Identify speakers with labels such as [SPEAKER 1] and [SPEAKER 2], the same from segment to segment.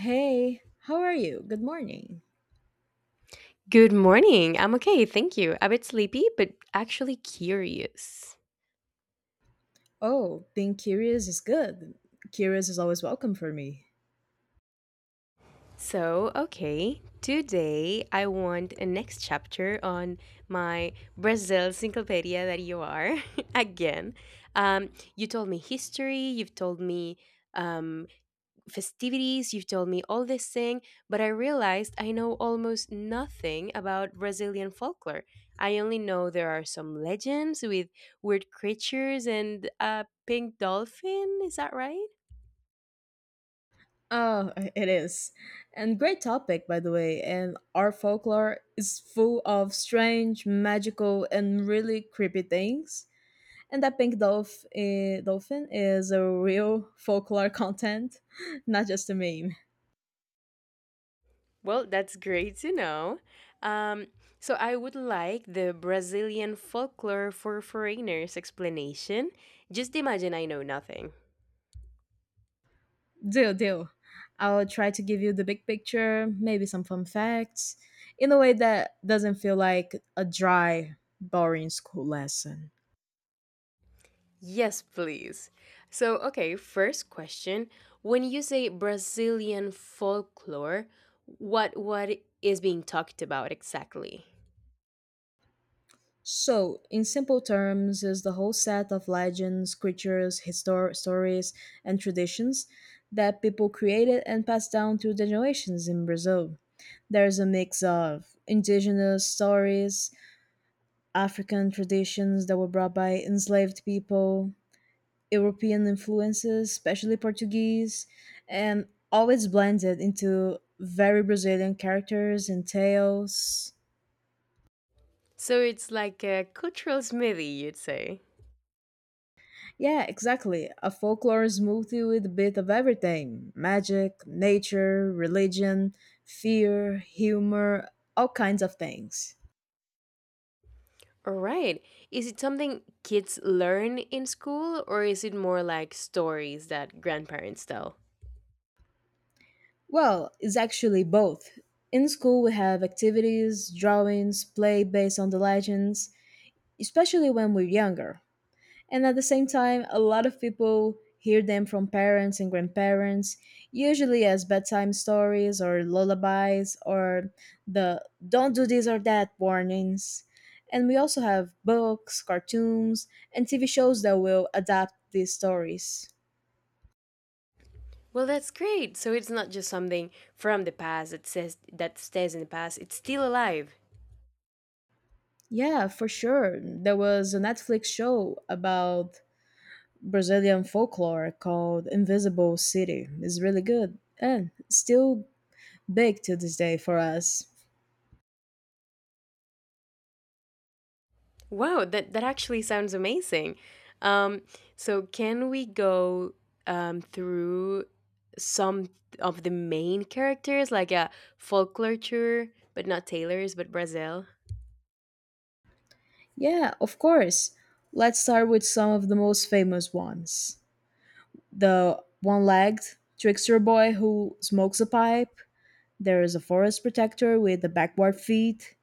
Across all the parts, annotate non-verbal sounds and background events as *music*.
[SPEAKER 1] Hey, how are you? Good morning.
[SPEAKER 2] Good morning. I'm okay, thank you. A bit sleepy, but actually curious.
[SPEAKER 1] Oh, being curious is good. Curious is always welcome for me.
[SPEAKER 2] So, okay, today I want a next chapter on my Brazil encyclopedia that you are *laughs* again. Um, you told me history, you've told me um, festivities, you've told me all this thing, but I realized I know almost nothing about Brazilian folklore. I only know there are some legends with weird creatures and a pink dolphin. Is that right?
[SPEAKER 1] Oh, *laughs* it is. And great topic, by the way. And our folklore is full of strange, magical, and really creepy things. And that dolphin is a real folklore content, *laughs* not just a meme.
[SPEAKER 2] Well, that's great to know. Um, so I would like the Brazilian folklore for foreigners explanation. Just imagine I know nothing.
[SPEAKER 1] Deal, deal. I'll try to give you the big picture, maybe some fun facts, in a way that doesn't feel like a dry, boring school lesson.
[SPEAKER 2] Yes, please. So, okay, first question. When you say Brazilian folklore, what is being talked about exactly?
[SPEAKER 1] So, in simple terms, is the whole set of legends, creatures, stories, and traditions that people created and passed down through the generations in Brazil. There's a mix of indigenous stories, African traditions that were brought by enslaved people, European influences, especially Portuguese, and always blended into very Brazilian characters and tales.
[SPEAKER 2] So it's like a cultural smithy, you'd say.
[SPEAKER 1] Yeah, exactly. A folklore smoothie with a bit of everything magic, nature, religion, fear, humor, all kinds of things.
[SPEAKER 2] All right. Is it something kids learn in school or is it more like stories that grandparents tell?
[SPEAKER 1] Well, it's actually both. In school, we have activities, drawings, play based on the legends, especially when we're younger. And at the same time, a lot of people hear them from parents and grandparents, usually as bedtime stories or lullabies or the don't do this or that warnings. And we also have books, cartoons, and TV shows that will adapt these stories.
[SPEAKER 2] Well, that's great. So it's not just something from the past that says that stays in the past. It's still alive.
[SPEAKER 1] Yeah, for sure. There was a Netflix show about Brazilian folklore called Invisible City. It's really good and still big to this day for us.
[SPEAKER 2] Wow, that actually sounds amazing. Um, so can we go through some of the main characters, like a folklore, but not Taylor's, but Brazil? *laughs*
[SPEAKER 1] Yeah, of course. Let's start with some of the most famous ones. The one legged trickster boy who smokes a pipe. There is a forest protector with the backward feet,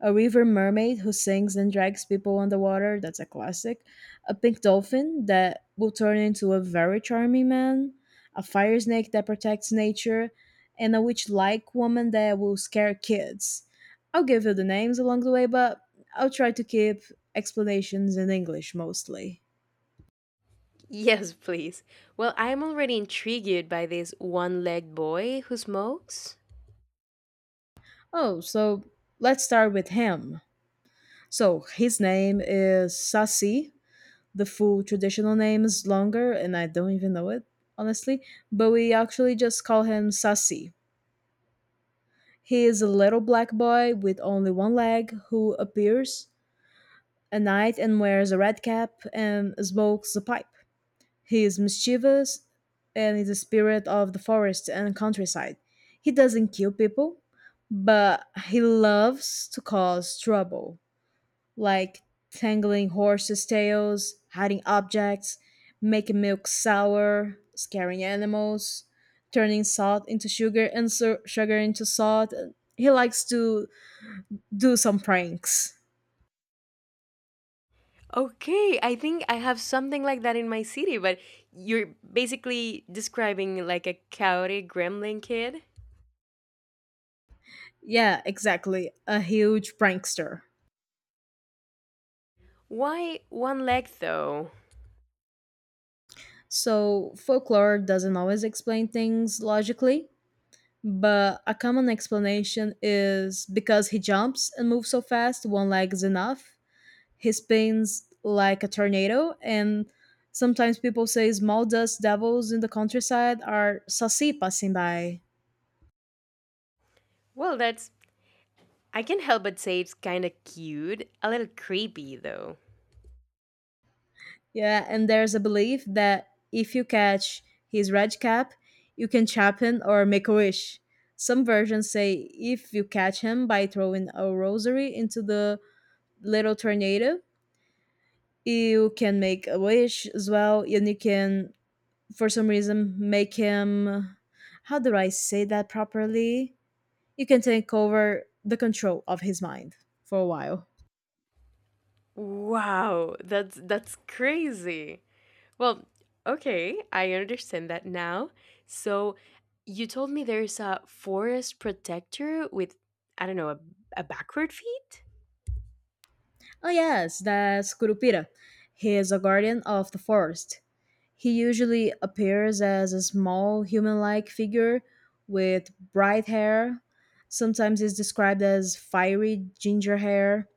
[SPEAKER 1] a river mermaid who sings and drags people underwater. That's a classic. A pink dolphin that will turn into a very charming man. A fire snake that protects nature. And a witch like woman that will scare kids. I'll give you the names along the way, but I'll try to keep explanations in English mostly.
[SPEAKER 2] Yes, please. Well, I'm already intrigued by this one-legged boy who smokes.
[SPEAKER 1] Oh, so let's start with him. So his name is Sasi. The full traditional name is longer and I don't even know it, honestly, but we actually just call him Sasi. He is a little black boy with only one leg who appears at night and wears a red cap and smokes a pipe. He is mischievous and is a spirit of the forest and countryside. He doesn't kill people, but he loves to cause trouble. Like tangling horses' tails, hiding objects, making milk sour, scaring animals, turning salt into sugar and sugar into salt. He likes to do some pranks.
[SPEAKER 2] Okay, I think I have something like that in my city, but you're basically describing like a cowardly gremlin kid.
[SPEAKER 1] Yeah, exactly. A huge prankster.
[SPEAKER 2] Why one leg though?
[SPEAKER 1] So, folklore doesn't always explain things logically, but a common explanation is because he jumps and moves so fast, one leg is enough. He spins like a tornado and sometimes people say small dust devils in the countryside are sassy passing by.
[SPEAKER 2] Well, that's I can't help but say it's kind of cute, a little creepy though.
[SPEAKER 1] Yeah, and there's a belief that if you catch his red cap you can chap him or make a wish. Some versions say if you catch him by throwing a rosary into the little tornado you can make a wish as well, and you can for some reason make him, how do I say that properly, you can take over the control of his mind for a while.
[SPEAKER 2] Wow, that's crazy. Well, okay, I understand that now. So, you told me there's a forest protector with I don't know, a backward feet?
[SPEAKER 1] Oh, yes, that's Kurupira. He is a guardian of the forest. He usually appears as a small human like figure with bright hair. Sometimes he's described as fiery ginger hair.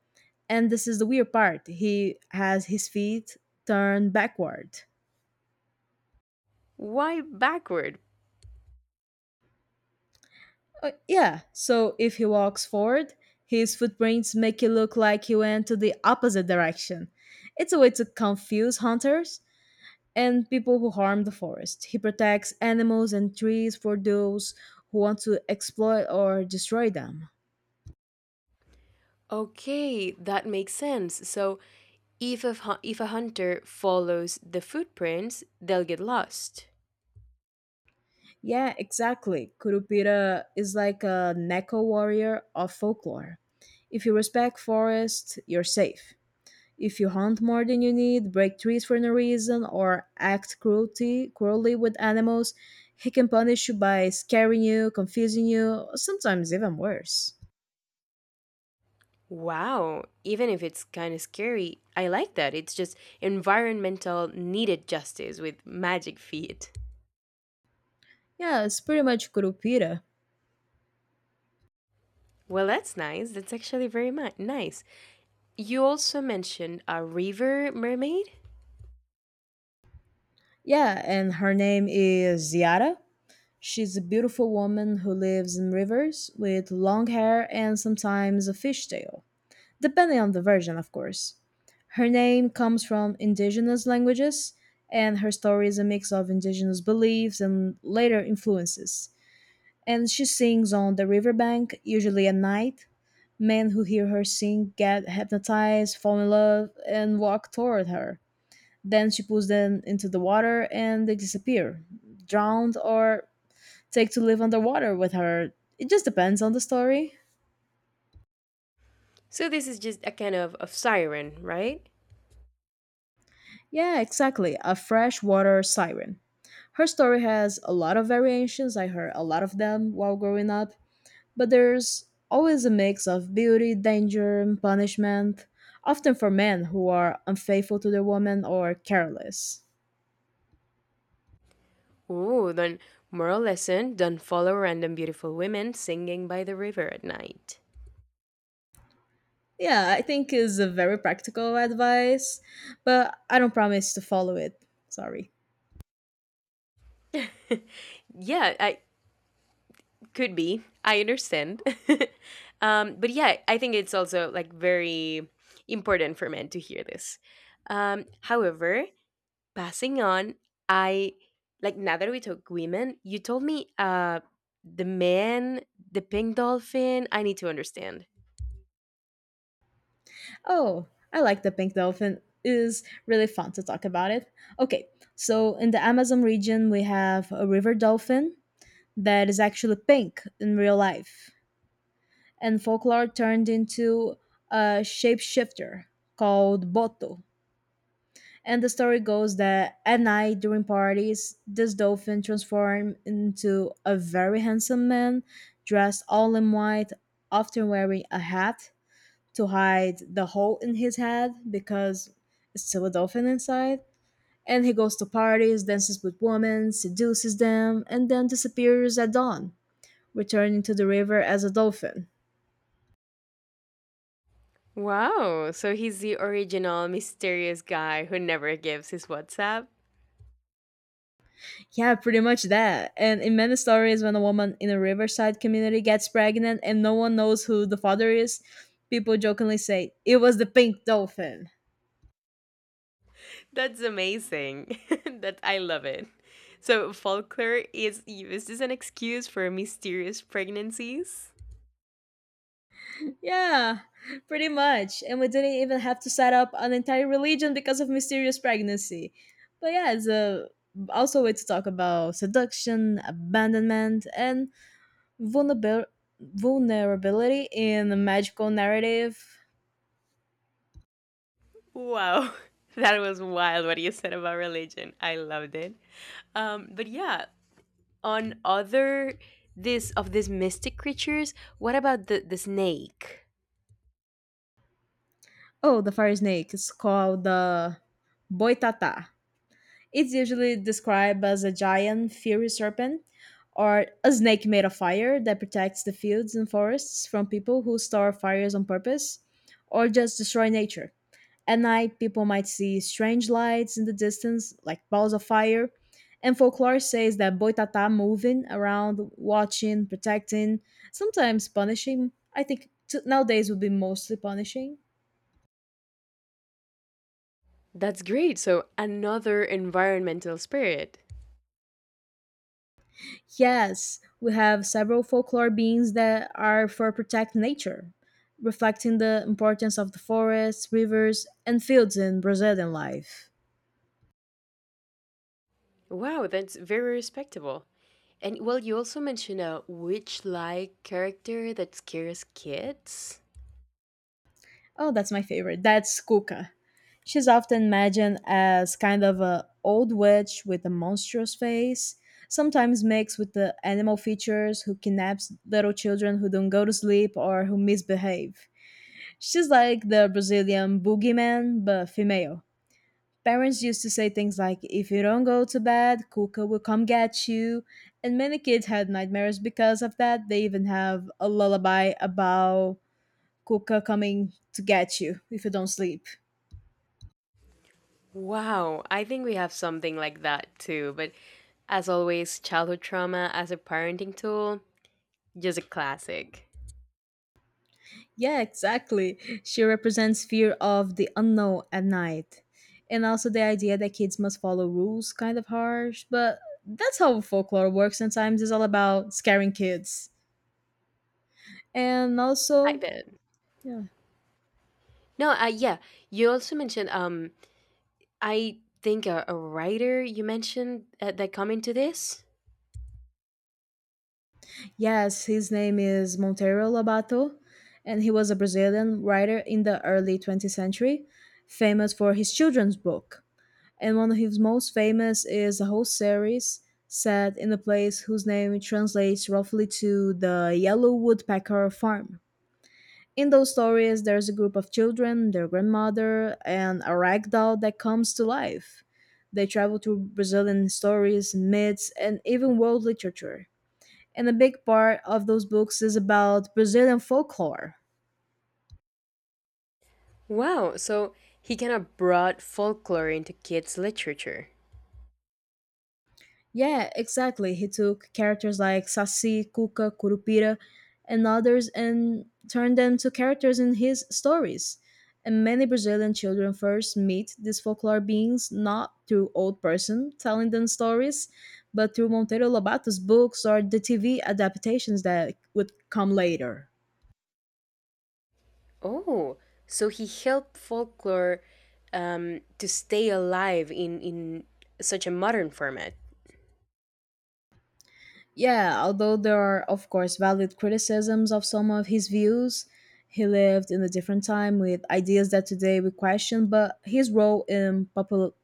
[SPEAKER 1] And this is the weird part, he has his feet turned backward.
[SPEAKER 2] Why backward?
[SPEAKER 1] Yeah, so if he walks forward, his footprints make it look like he went to the opposite direction. It's a way to confuse hunters and people who harm the forest. He protects animals and trees for those who want to exploit or destroy them.
[SPEAKER 2] Okay, that makes sense. So, if if a hunter follows the footprints, they'll get lost.
[SPEAKER 1] Yeah, exactly. Kurupira is like a Neko warrior of folklore. If you respect forest, you're safe. If you hunt more than you need, break trees for no reason, or act cruelty cruelly with animals, he can punish you by scaring you, confusing you, sometimes even worse.
[SPEAKER 2] Wow, even if it's kind of scary, I like that. It's just environmental needed justice with magic feet.
[SPEAKER 1] Yeah, it's pretty much Kurupira.
[SPEAKER 2] Well, that's nice. That's actually nice. You also mentioned a river mermaid.
[SPEAKER 1] Yeah, and her name is Ziara. She's a beautiful woman who lives in rivers with long hair and sometimes a fishtail, depending on the version, of course. Her name comes from indigenous languages, and her story is a mix of indigenous beliefs and later influences. And she sings on the riverbank, usually at night. Men who hear her sing get hypnotized, fall in love, and walk toward her. Then she pulls them into the water and they disappear, drowned, or take to live underwater with her. It just depends on the story.
[SPEAKER 2] So, this is just a kind of siren, right?
[SPEAKER 1] Yeah, exactly. A freshwater siren. Her story has a lot of variations. I heard a lot of them while growing up, but there's always a mix of beauty, danger, and punishment, often for men who are unfaithful to their woman or careless.
[SPEAKER 2] Ooh, then moral lesson, don't follow random beautiful women singing by the river at night.
[SPEAKER 1] Yeah, I think is a very practical advice, but I don't promise to follow it. Sorry.
[SPEAKER 2] *laughs* Yeah, I could be. I understand. *laughs* But yeah, I think it's also like very important for men to hear this. However, passing on, I like now that we took women, you told me the man, the pink dolphin, I need to understand.
[SPEAKER 1] Oh, I like the pink dolphin. It is really fun to talk about it. Okay, so in the Amazon region, we have a river dolphin that is actually pink in real life, and folklore turned into a shapeshifter called Boto. And the story goes that at night during parties, this dolphin transformed into a very handsome man dressed all in white, often wearing a hat to hide the hole in his head because it's still a dolphin inside. And he goes to parties, dances with women, seduces them, and then disappears at dawn, returning to the river as a dolphin.
[SPEAKER 2] Wow, so he's the original mysterious guy who never gives his WhatsApp?
[SPEAKER 1] Yeah, pretty much that. And in many stories, when a woman in a riverside community gets pregnant and no one knows who the father is, people jokingly say, "It was the pink dolphin." *laughs*
[SPEAKER 2] That's amazing. *laughs* That I love it. So folklore is used as an excuse for mysterious pregnancies?
[SPEAKER 1] Yeah, pretty much. And we didn't even have to set up an entire religion because of mysterious pregnancy. But yeah, it's a, also a way to talk about seduction, abandonment, and vulnerabil- vulnerability in a magical narrative.
[SPEAKER 2] Wow. *laughs* That was wild what you said about religion. I loved it. But yeah, on other this of these mystic creatures, what about the snake?
[SPEAKER 1] Oh, the fire snake is called the boitata. It's usually described as a giant, fiery serpent or a snake made of fire that protects the fields and forests from people who start fires on purpose or just destroy nature. At night, people might see strange lights in the distance, like balls of fire, and folklore says that boitata moving around, watching, protecting, sometimes punishing. I think nowadays would be mostly punishing.
[SPEAKER 2] That's great. So another environmental spirit.
[SPEAKER 1] Yes, we have several folklore beings that are for protect nature, reflecting the importance of the forests, rivers, and fields in Brazilian life.
[SPEAKER 2] Wow, that's very respectable. And well, you also mentioned a witch-like character that scares kids.
[SPEAKER 1] Oh, that's my favorite. That's Cuca. She's often imagined as kind of a old witch with a monstrous face, sometimes mixed with the animal features who kidnaps little children who don't go to sleep or who misbehave. She's like the Brazilian boogeyman, but female. Parents used to say things like, if you don't go to bed, Kuka will come get you. And many kids had nightmares because of that. They even have a lullaby about Kuka coming to get you if you don't sleep.
[SPEAKER 2] Wow, I think we have something like that too. But as always, childhood trauma as a parenting tool, just a classic.
[SPEAKER 1] Yeah, exactly. She represents fear of the unknown at night. And also the idea that kids must follow rules, kind of harsh, but that's how folklore works sometimes. It's all about scaring kids. And
[SPEAKER 2] I
[SPEAKER 1] also,
[SPEAKER 2] bet.
[SPEAKER 1] yeah.
[SPEAKER 2] No, yeah. You also mentioned I think a writer you mentioned that come into this?
[SPEAKER 1] Yes, his name is Monteiro Lobato, and he was a Brazilian writer in the early 20th century, famous for his children's book. And one of his most famous is a whole series set in a place whose name translates roughly to the Yellow Woodpecker Farm. In those stories, there's a group of children, their grandmother, and a rag doll that comes to life. They travel through Brazilian stories, myths, and even world literature, and a big part of those books is about Brazilian folklore.
[SPEAKER 2] Wow, so he kind of brought folklore into kids' literature.
[SPEAKER 1] Yeah, exactly. He took characters like Saci, Cuca, Curupira, and others and turned them to characters in his stories. And many Brazilian children first meet these folklore beings not through old person telling them stories, but through Monteiro Lobatos books or the TV adaptations that would come later.
[SPEAKER 2] Oh, so he helped folklore to stay alive in such a modern format.
[SPEAKER 1] Yeah, although there are, of course, valid criticisms of some of his views, he lived in a different time with ideas that today we question, but his role in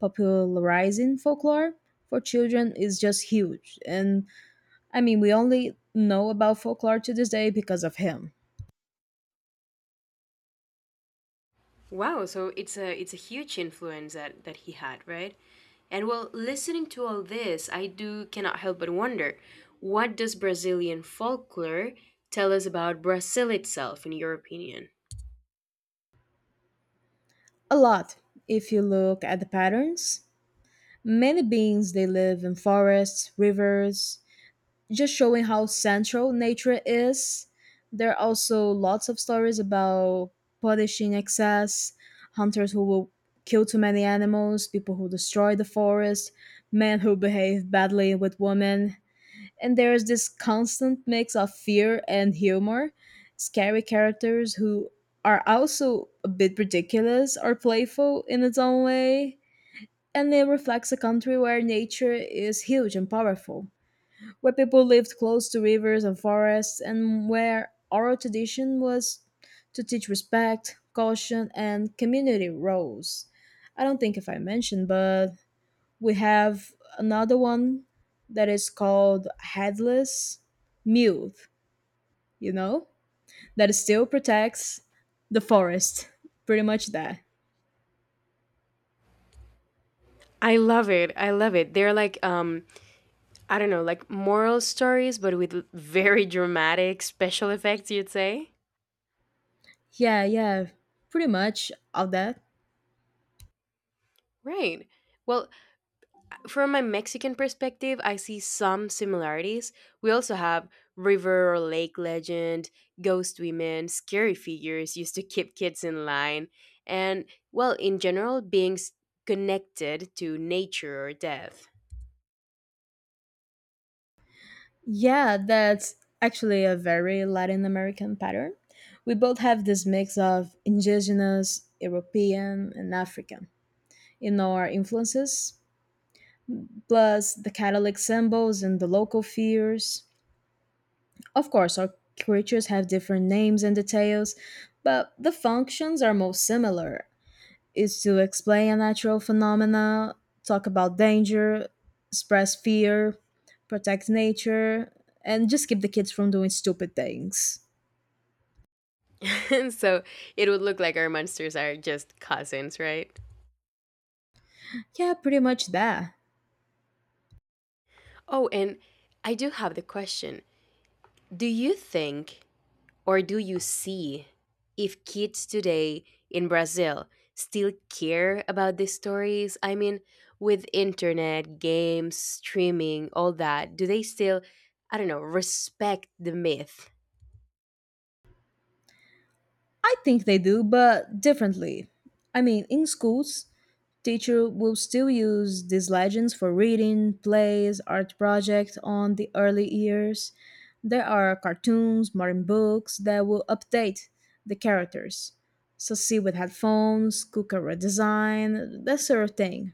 [SPEAKER 1] popularizing folklore for children is just huge. And I mean, we only know about folklore to this day because of him.
[SPEAKER 2] Wow, so it's a huge influence that, that he had, right? And well, listening to all this, I do cannot help but wonder, what does Brazilian folklore tell us about Brazil itself, in your opinion?
[SPEAKER 1] A lot, if you look at the patterns. Many beings, they live in forests, rivers, just showing how central nature is. There are also lots of stories about punishing excess, hunters who will kill too many animals, people who destroy the forest, men who behave badly with women. And there is this constant mix of fear and humor, scary characters who are also a bit ridiculous or playful in its own way. And it reflects a country where nature is huge and powerful, where people lived close to rivers and forests, and where oral tradition was to teach respect, caution, and community roles. I don't think if I mentioned, but we have another one that is called headless mule, you know, that still protects the forest. Pretty much that.
[SPEAKER 2] I love it. I love it. They're like I don't know, like moral stories but with very dramatic special effects, you'd say?
[SPEAKER 1] Yeah, yeah, pretty much all that.
[SPEAKER 2] Right. Well, from my Mexican perspective, I see some similarities. We also have river or lake legend, ghost women, scary figures used to keep kids in line, and well, in general, beings connected to nature or death.
[SPEAKER 1] Yeah, that's actually a very Latin American pattern. We both have this mix of indigenous, European, and African in our influences, plus the Catholic symbols and the local fears. Of course, our creatures have different names and details, but the functions are most similar is to explain a natural phenomena, talk about danger, express fear, protect nature, and just keep the kids from doing stupid things.
[SPEAKER 2] *laughs* So, it would look like our monsters are just cousins, right?
[SPEAKER 1] Yeah, pretty much that.
[SPEAKER 2] Oh, and I do have the question. Do you think or do you see if kids today in Brazil still care about these stories? I mean, with internet, games, streaming, all that, do they still, I don't know, respect the myth?
[SPEAKER 1] I think they do, but differently. I mean, in schools, teacher will still use these legends for reading, plays, art projects on the early years. There are cartoons, modern books that will update the characters. So see with headphones, cooker redesign, that sort of thing.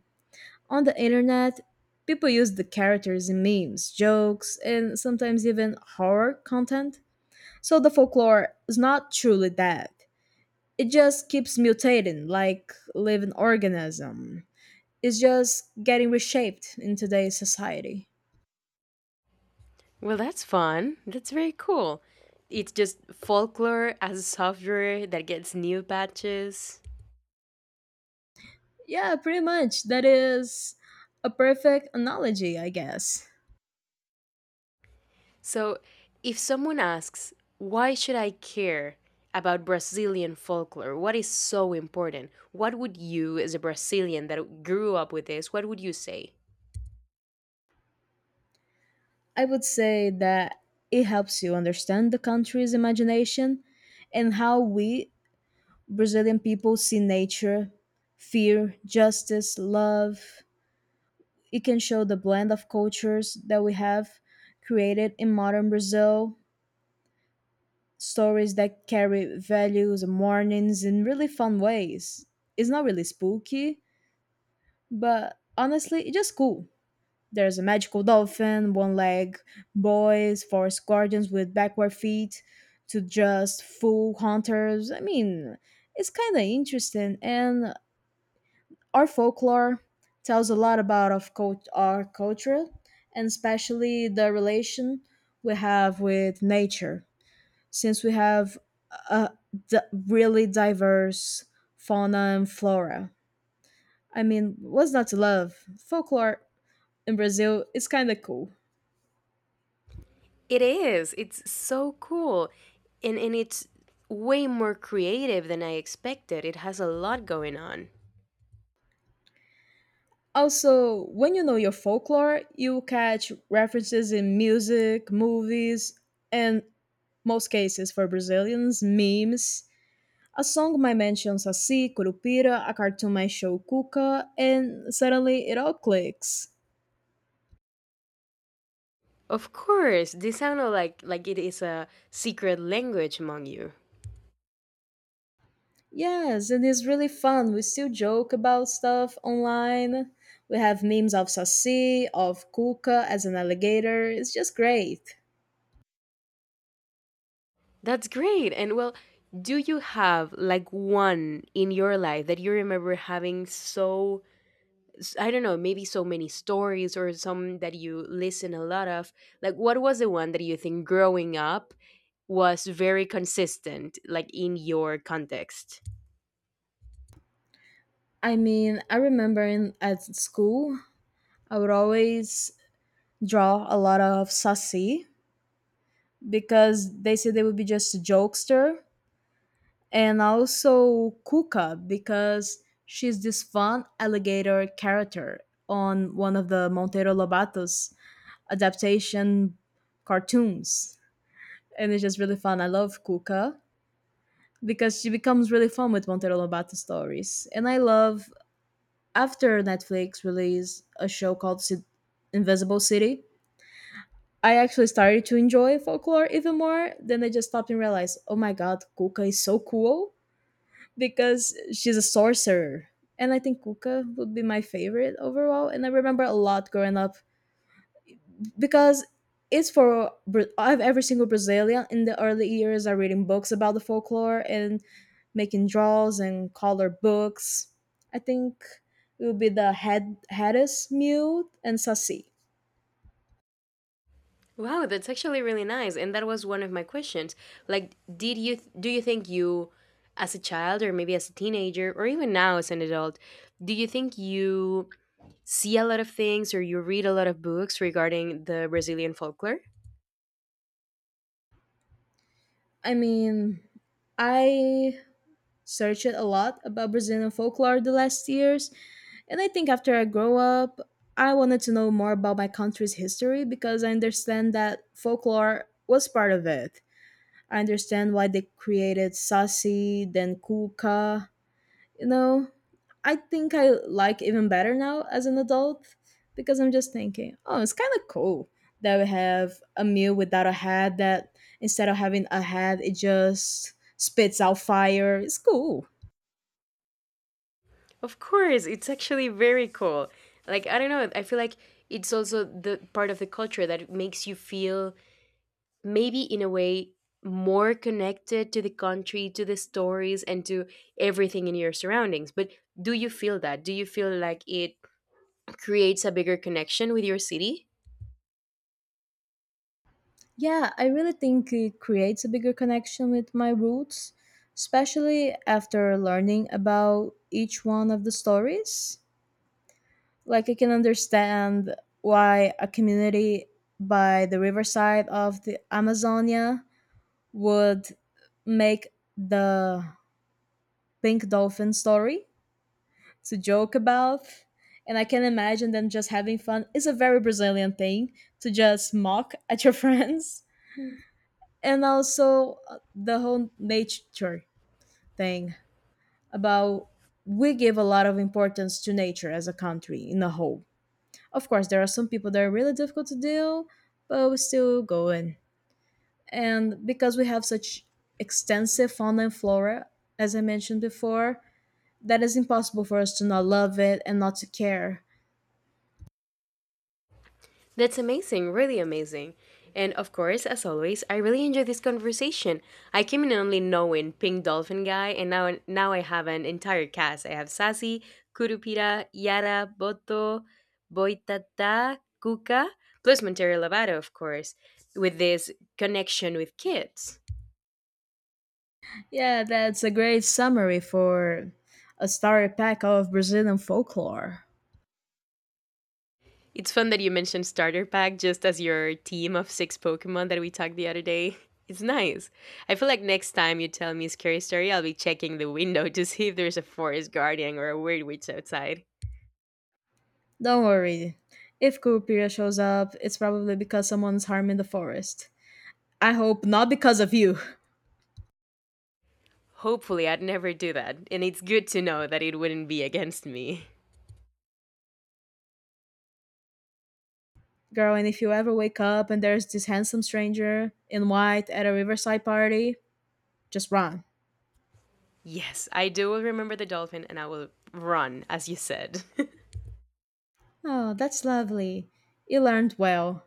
[SPEAKER 1] On the internet, people use the characters in memes, jokes, and sometimes even horror content. So the folklore is not truly dead. It just keeps mutating like living organism is just getting reshaped in today's society.
[SPEAKER 2] Well, that's fun. That's very cool. It's just folklore as software that gets new patches.
[SPEAKER 1] Yeah, pretty much. That is a perfect analogy, I guess.
[SPEAKER 2] So, if someone asks, why should I care about Brazilian folklore? What is so important? What would you, as a Brazilian that grew up with this, what would you say?
[SPEAKER 1] I would say that it helps you understand the country's imagination and how we, Brazilian people, see nature, fear, justice, love. It can show the blend of cultures that we have created in modern Brazil stories that carry values and warnings in really fun ways. It's not really spooky, but honestly, it's just cool. There's a magical dolphin, one leg boys, forest guardians with backward feet, to just fool hunters. I mean, it's kind of interesting, and our folklore tells a lot about of our culture, and especially the relation we have with nature since we have a d- really diverse fauna and flora. I mean, what's not to love? Folklore in Brazil is kind of cool.
[SPEAKER 2] It is. It's so cool. And it's way more creative than I expected. It has a lot going on.
[SPEAKER 1] Also, when you know your folklore, you catch references in music, movies, and most cases for Brazilians, memes. A song might mention Saci, Curupira, a cartoon might show Cuca, and suddenly it all clicks.
[SPEAKER 2] Of course, this sounded like it is a secret language among you.
[SPEAKER 1] Yes, and it's really fun. We still joke about stuff online. We have memes of Saci, of Kuka as an alligator. It's just great.
[SPEAKER 2] That's great. And well, do you have like one in your life that you remember having so, I don't know, maybe so many stories or some that you listen a lot of? Like, what was the one that you think growing up was very consistent, like in your context?
[SPEAKER 1] I mean, I remember in at school, I would always draw a lot of Saci because they said they would be just a jokester, and also Kuka because she's this fun alligator character on one of the Montero Lobato's adaptation cartoons. And it's just really fun. I love Kuka because she becomes really fun with Montero Lobato stories, and I love after Netflix released a show called Invisible City. I actually started to enjoy folklore even more. Then I just stopped and realized, oh my god, Kuka is so cool because she's a sorcerer. And I think Kuka would be my favorite overall. And I remember a lot growing up because it's for I've every single Brazilian in the early years are reading books about the folklore and making draws and color books. I think it would be the head Hedis Mute and Sassi.
[SPEAKER 2] Wow, that's actually really nice. And that was one of my questions. Like, did you, do you think you, as a child or maybe as a teenager or even now as an adult, do you think you see a lot of things or you read a lot of books regarding the Brazilian folklore?
[SPEAKER 1] I mean, I searched a lot about Brazilian folklore the last years, and I think after I grow up, I wanted to know more about my country's history because I understand that folklore was part of it. I understand why they created Sassy, then Kuka. You know, I think I like even better now as an adult because I'm just thinking, oh, it's kind of cool that we have a meal without a head that instead of having a head, it just spits out fire. It's cool.
[SPEAKER 2] Of course, it's actually very cool. Like, I don't know, I feel like it's also the part of the culture that makes you feel maybe in a way more connected to the country, to the stories, and to everything in your surroundings. But do you feel that? Do you feel like it creates a bigger connection with your city?
[SPEAKER 1] Yeah, I really think it creates a bigger connection with my roots, especially after learning about each one of the stories. Like I can understand why a community by the riverside of the Amazonia would make the pink dolphin story to joke about. And I can imagine them just having fun. It's a very Brazilian thing to just mock at your *laughs* friends. And also the whole nature thing about we give a lot of importance to nature as a country in a whole. Of course, there are some people that are really difficult to deal, but we still go in. And because we have such extensive fauna and flora, as I mentioned before, that is impossible for us to not love it and not to care.
[SPEAKER 2] That's amazing, really amazing. And of course, as always, I really enjoyed this conversation. I came in only knowing Pink Dolphin Guy, and now I have an entire cast. I have Sassy, Kurupira, Yara, Boto, Boitata, Kuka, plus Montero Lovato, of course, with this connection with kids.
[SPEAKER 1] Yeah, that's a great summary for a starry pack of Brazilian folklore.
[SPEAKER 2] It's fun that you mentioned starter pack just as your team of six Pokemon that we talked the other day. *laughs* It's nice. I feel like next time you tell me a scary story, I'll be checking the window to see if there's a forest guardian or a weird witch outside.
[SPEAKER 1] Don't worry. If Curupira shows up, it's probably because someone's harming the forest. I hope not because of you. *laughs*
[SPEAKER 2] Hopefully, I'd never do that, and it's good to know that it wouldn't be against me.
[SPEAKER 1] Girl, and if you ever wake up and there's this handsome stranger in white at a riverside party, just run.
[SPEAKER 2] Yes, I do remember the dolphin, and I will run, as you said. *laughs*
[SPEAKER 1] Oh, that's lovely. You learned well.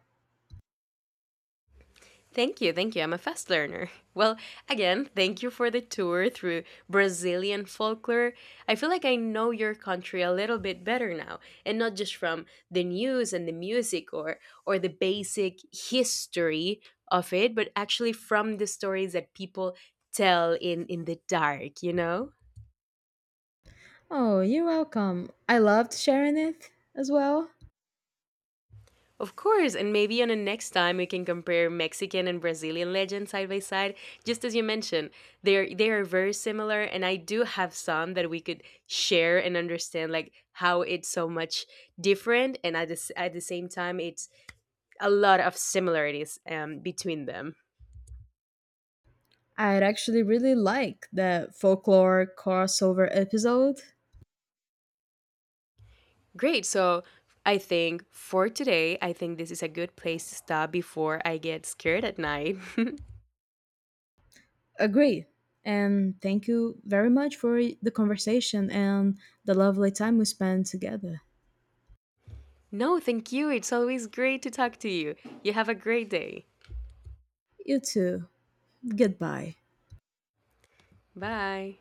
[SPEAKER 2] Thank you, thank you. I'm a fast learner. *laughs* Well, again, thank you for the tour through Brazilian folklore. I feel like I know your country a little bit better now, and not just from the news and the music or the basic history of it, but actually from the stories that people tell in the dark, you know?
[SPEAKER 1] Oh, you're welcome. I loved sharing it as well.
[SPEAKER 2] Of course, and maybe on a next time we can compare Mexican and Brazilian legends side by side. Just as you mentioned, they are very similar, and I do have some that we could share and understand, like how it's so much different, and at at the same time, it's a lot of similarities between them.
[SPEAKER 1] I'd actually really like that folklore crossover episode.
[SPEAKER 2] Great, so. I think for today, I think this is a good place to stop before I get scared at night.
[SPEAKER 1] Agree. And thank you very much for the conversation and the lovely time we spent together.
[SPEAKER 2] *laughs* No, thank you. It's always great to talk to you. You have a great day.
[SPEAKER 1] You too. Goodbye.
[SPEAKER 2] Bye.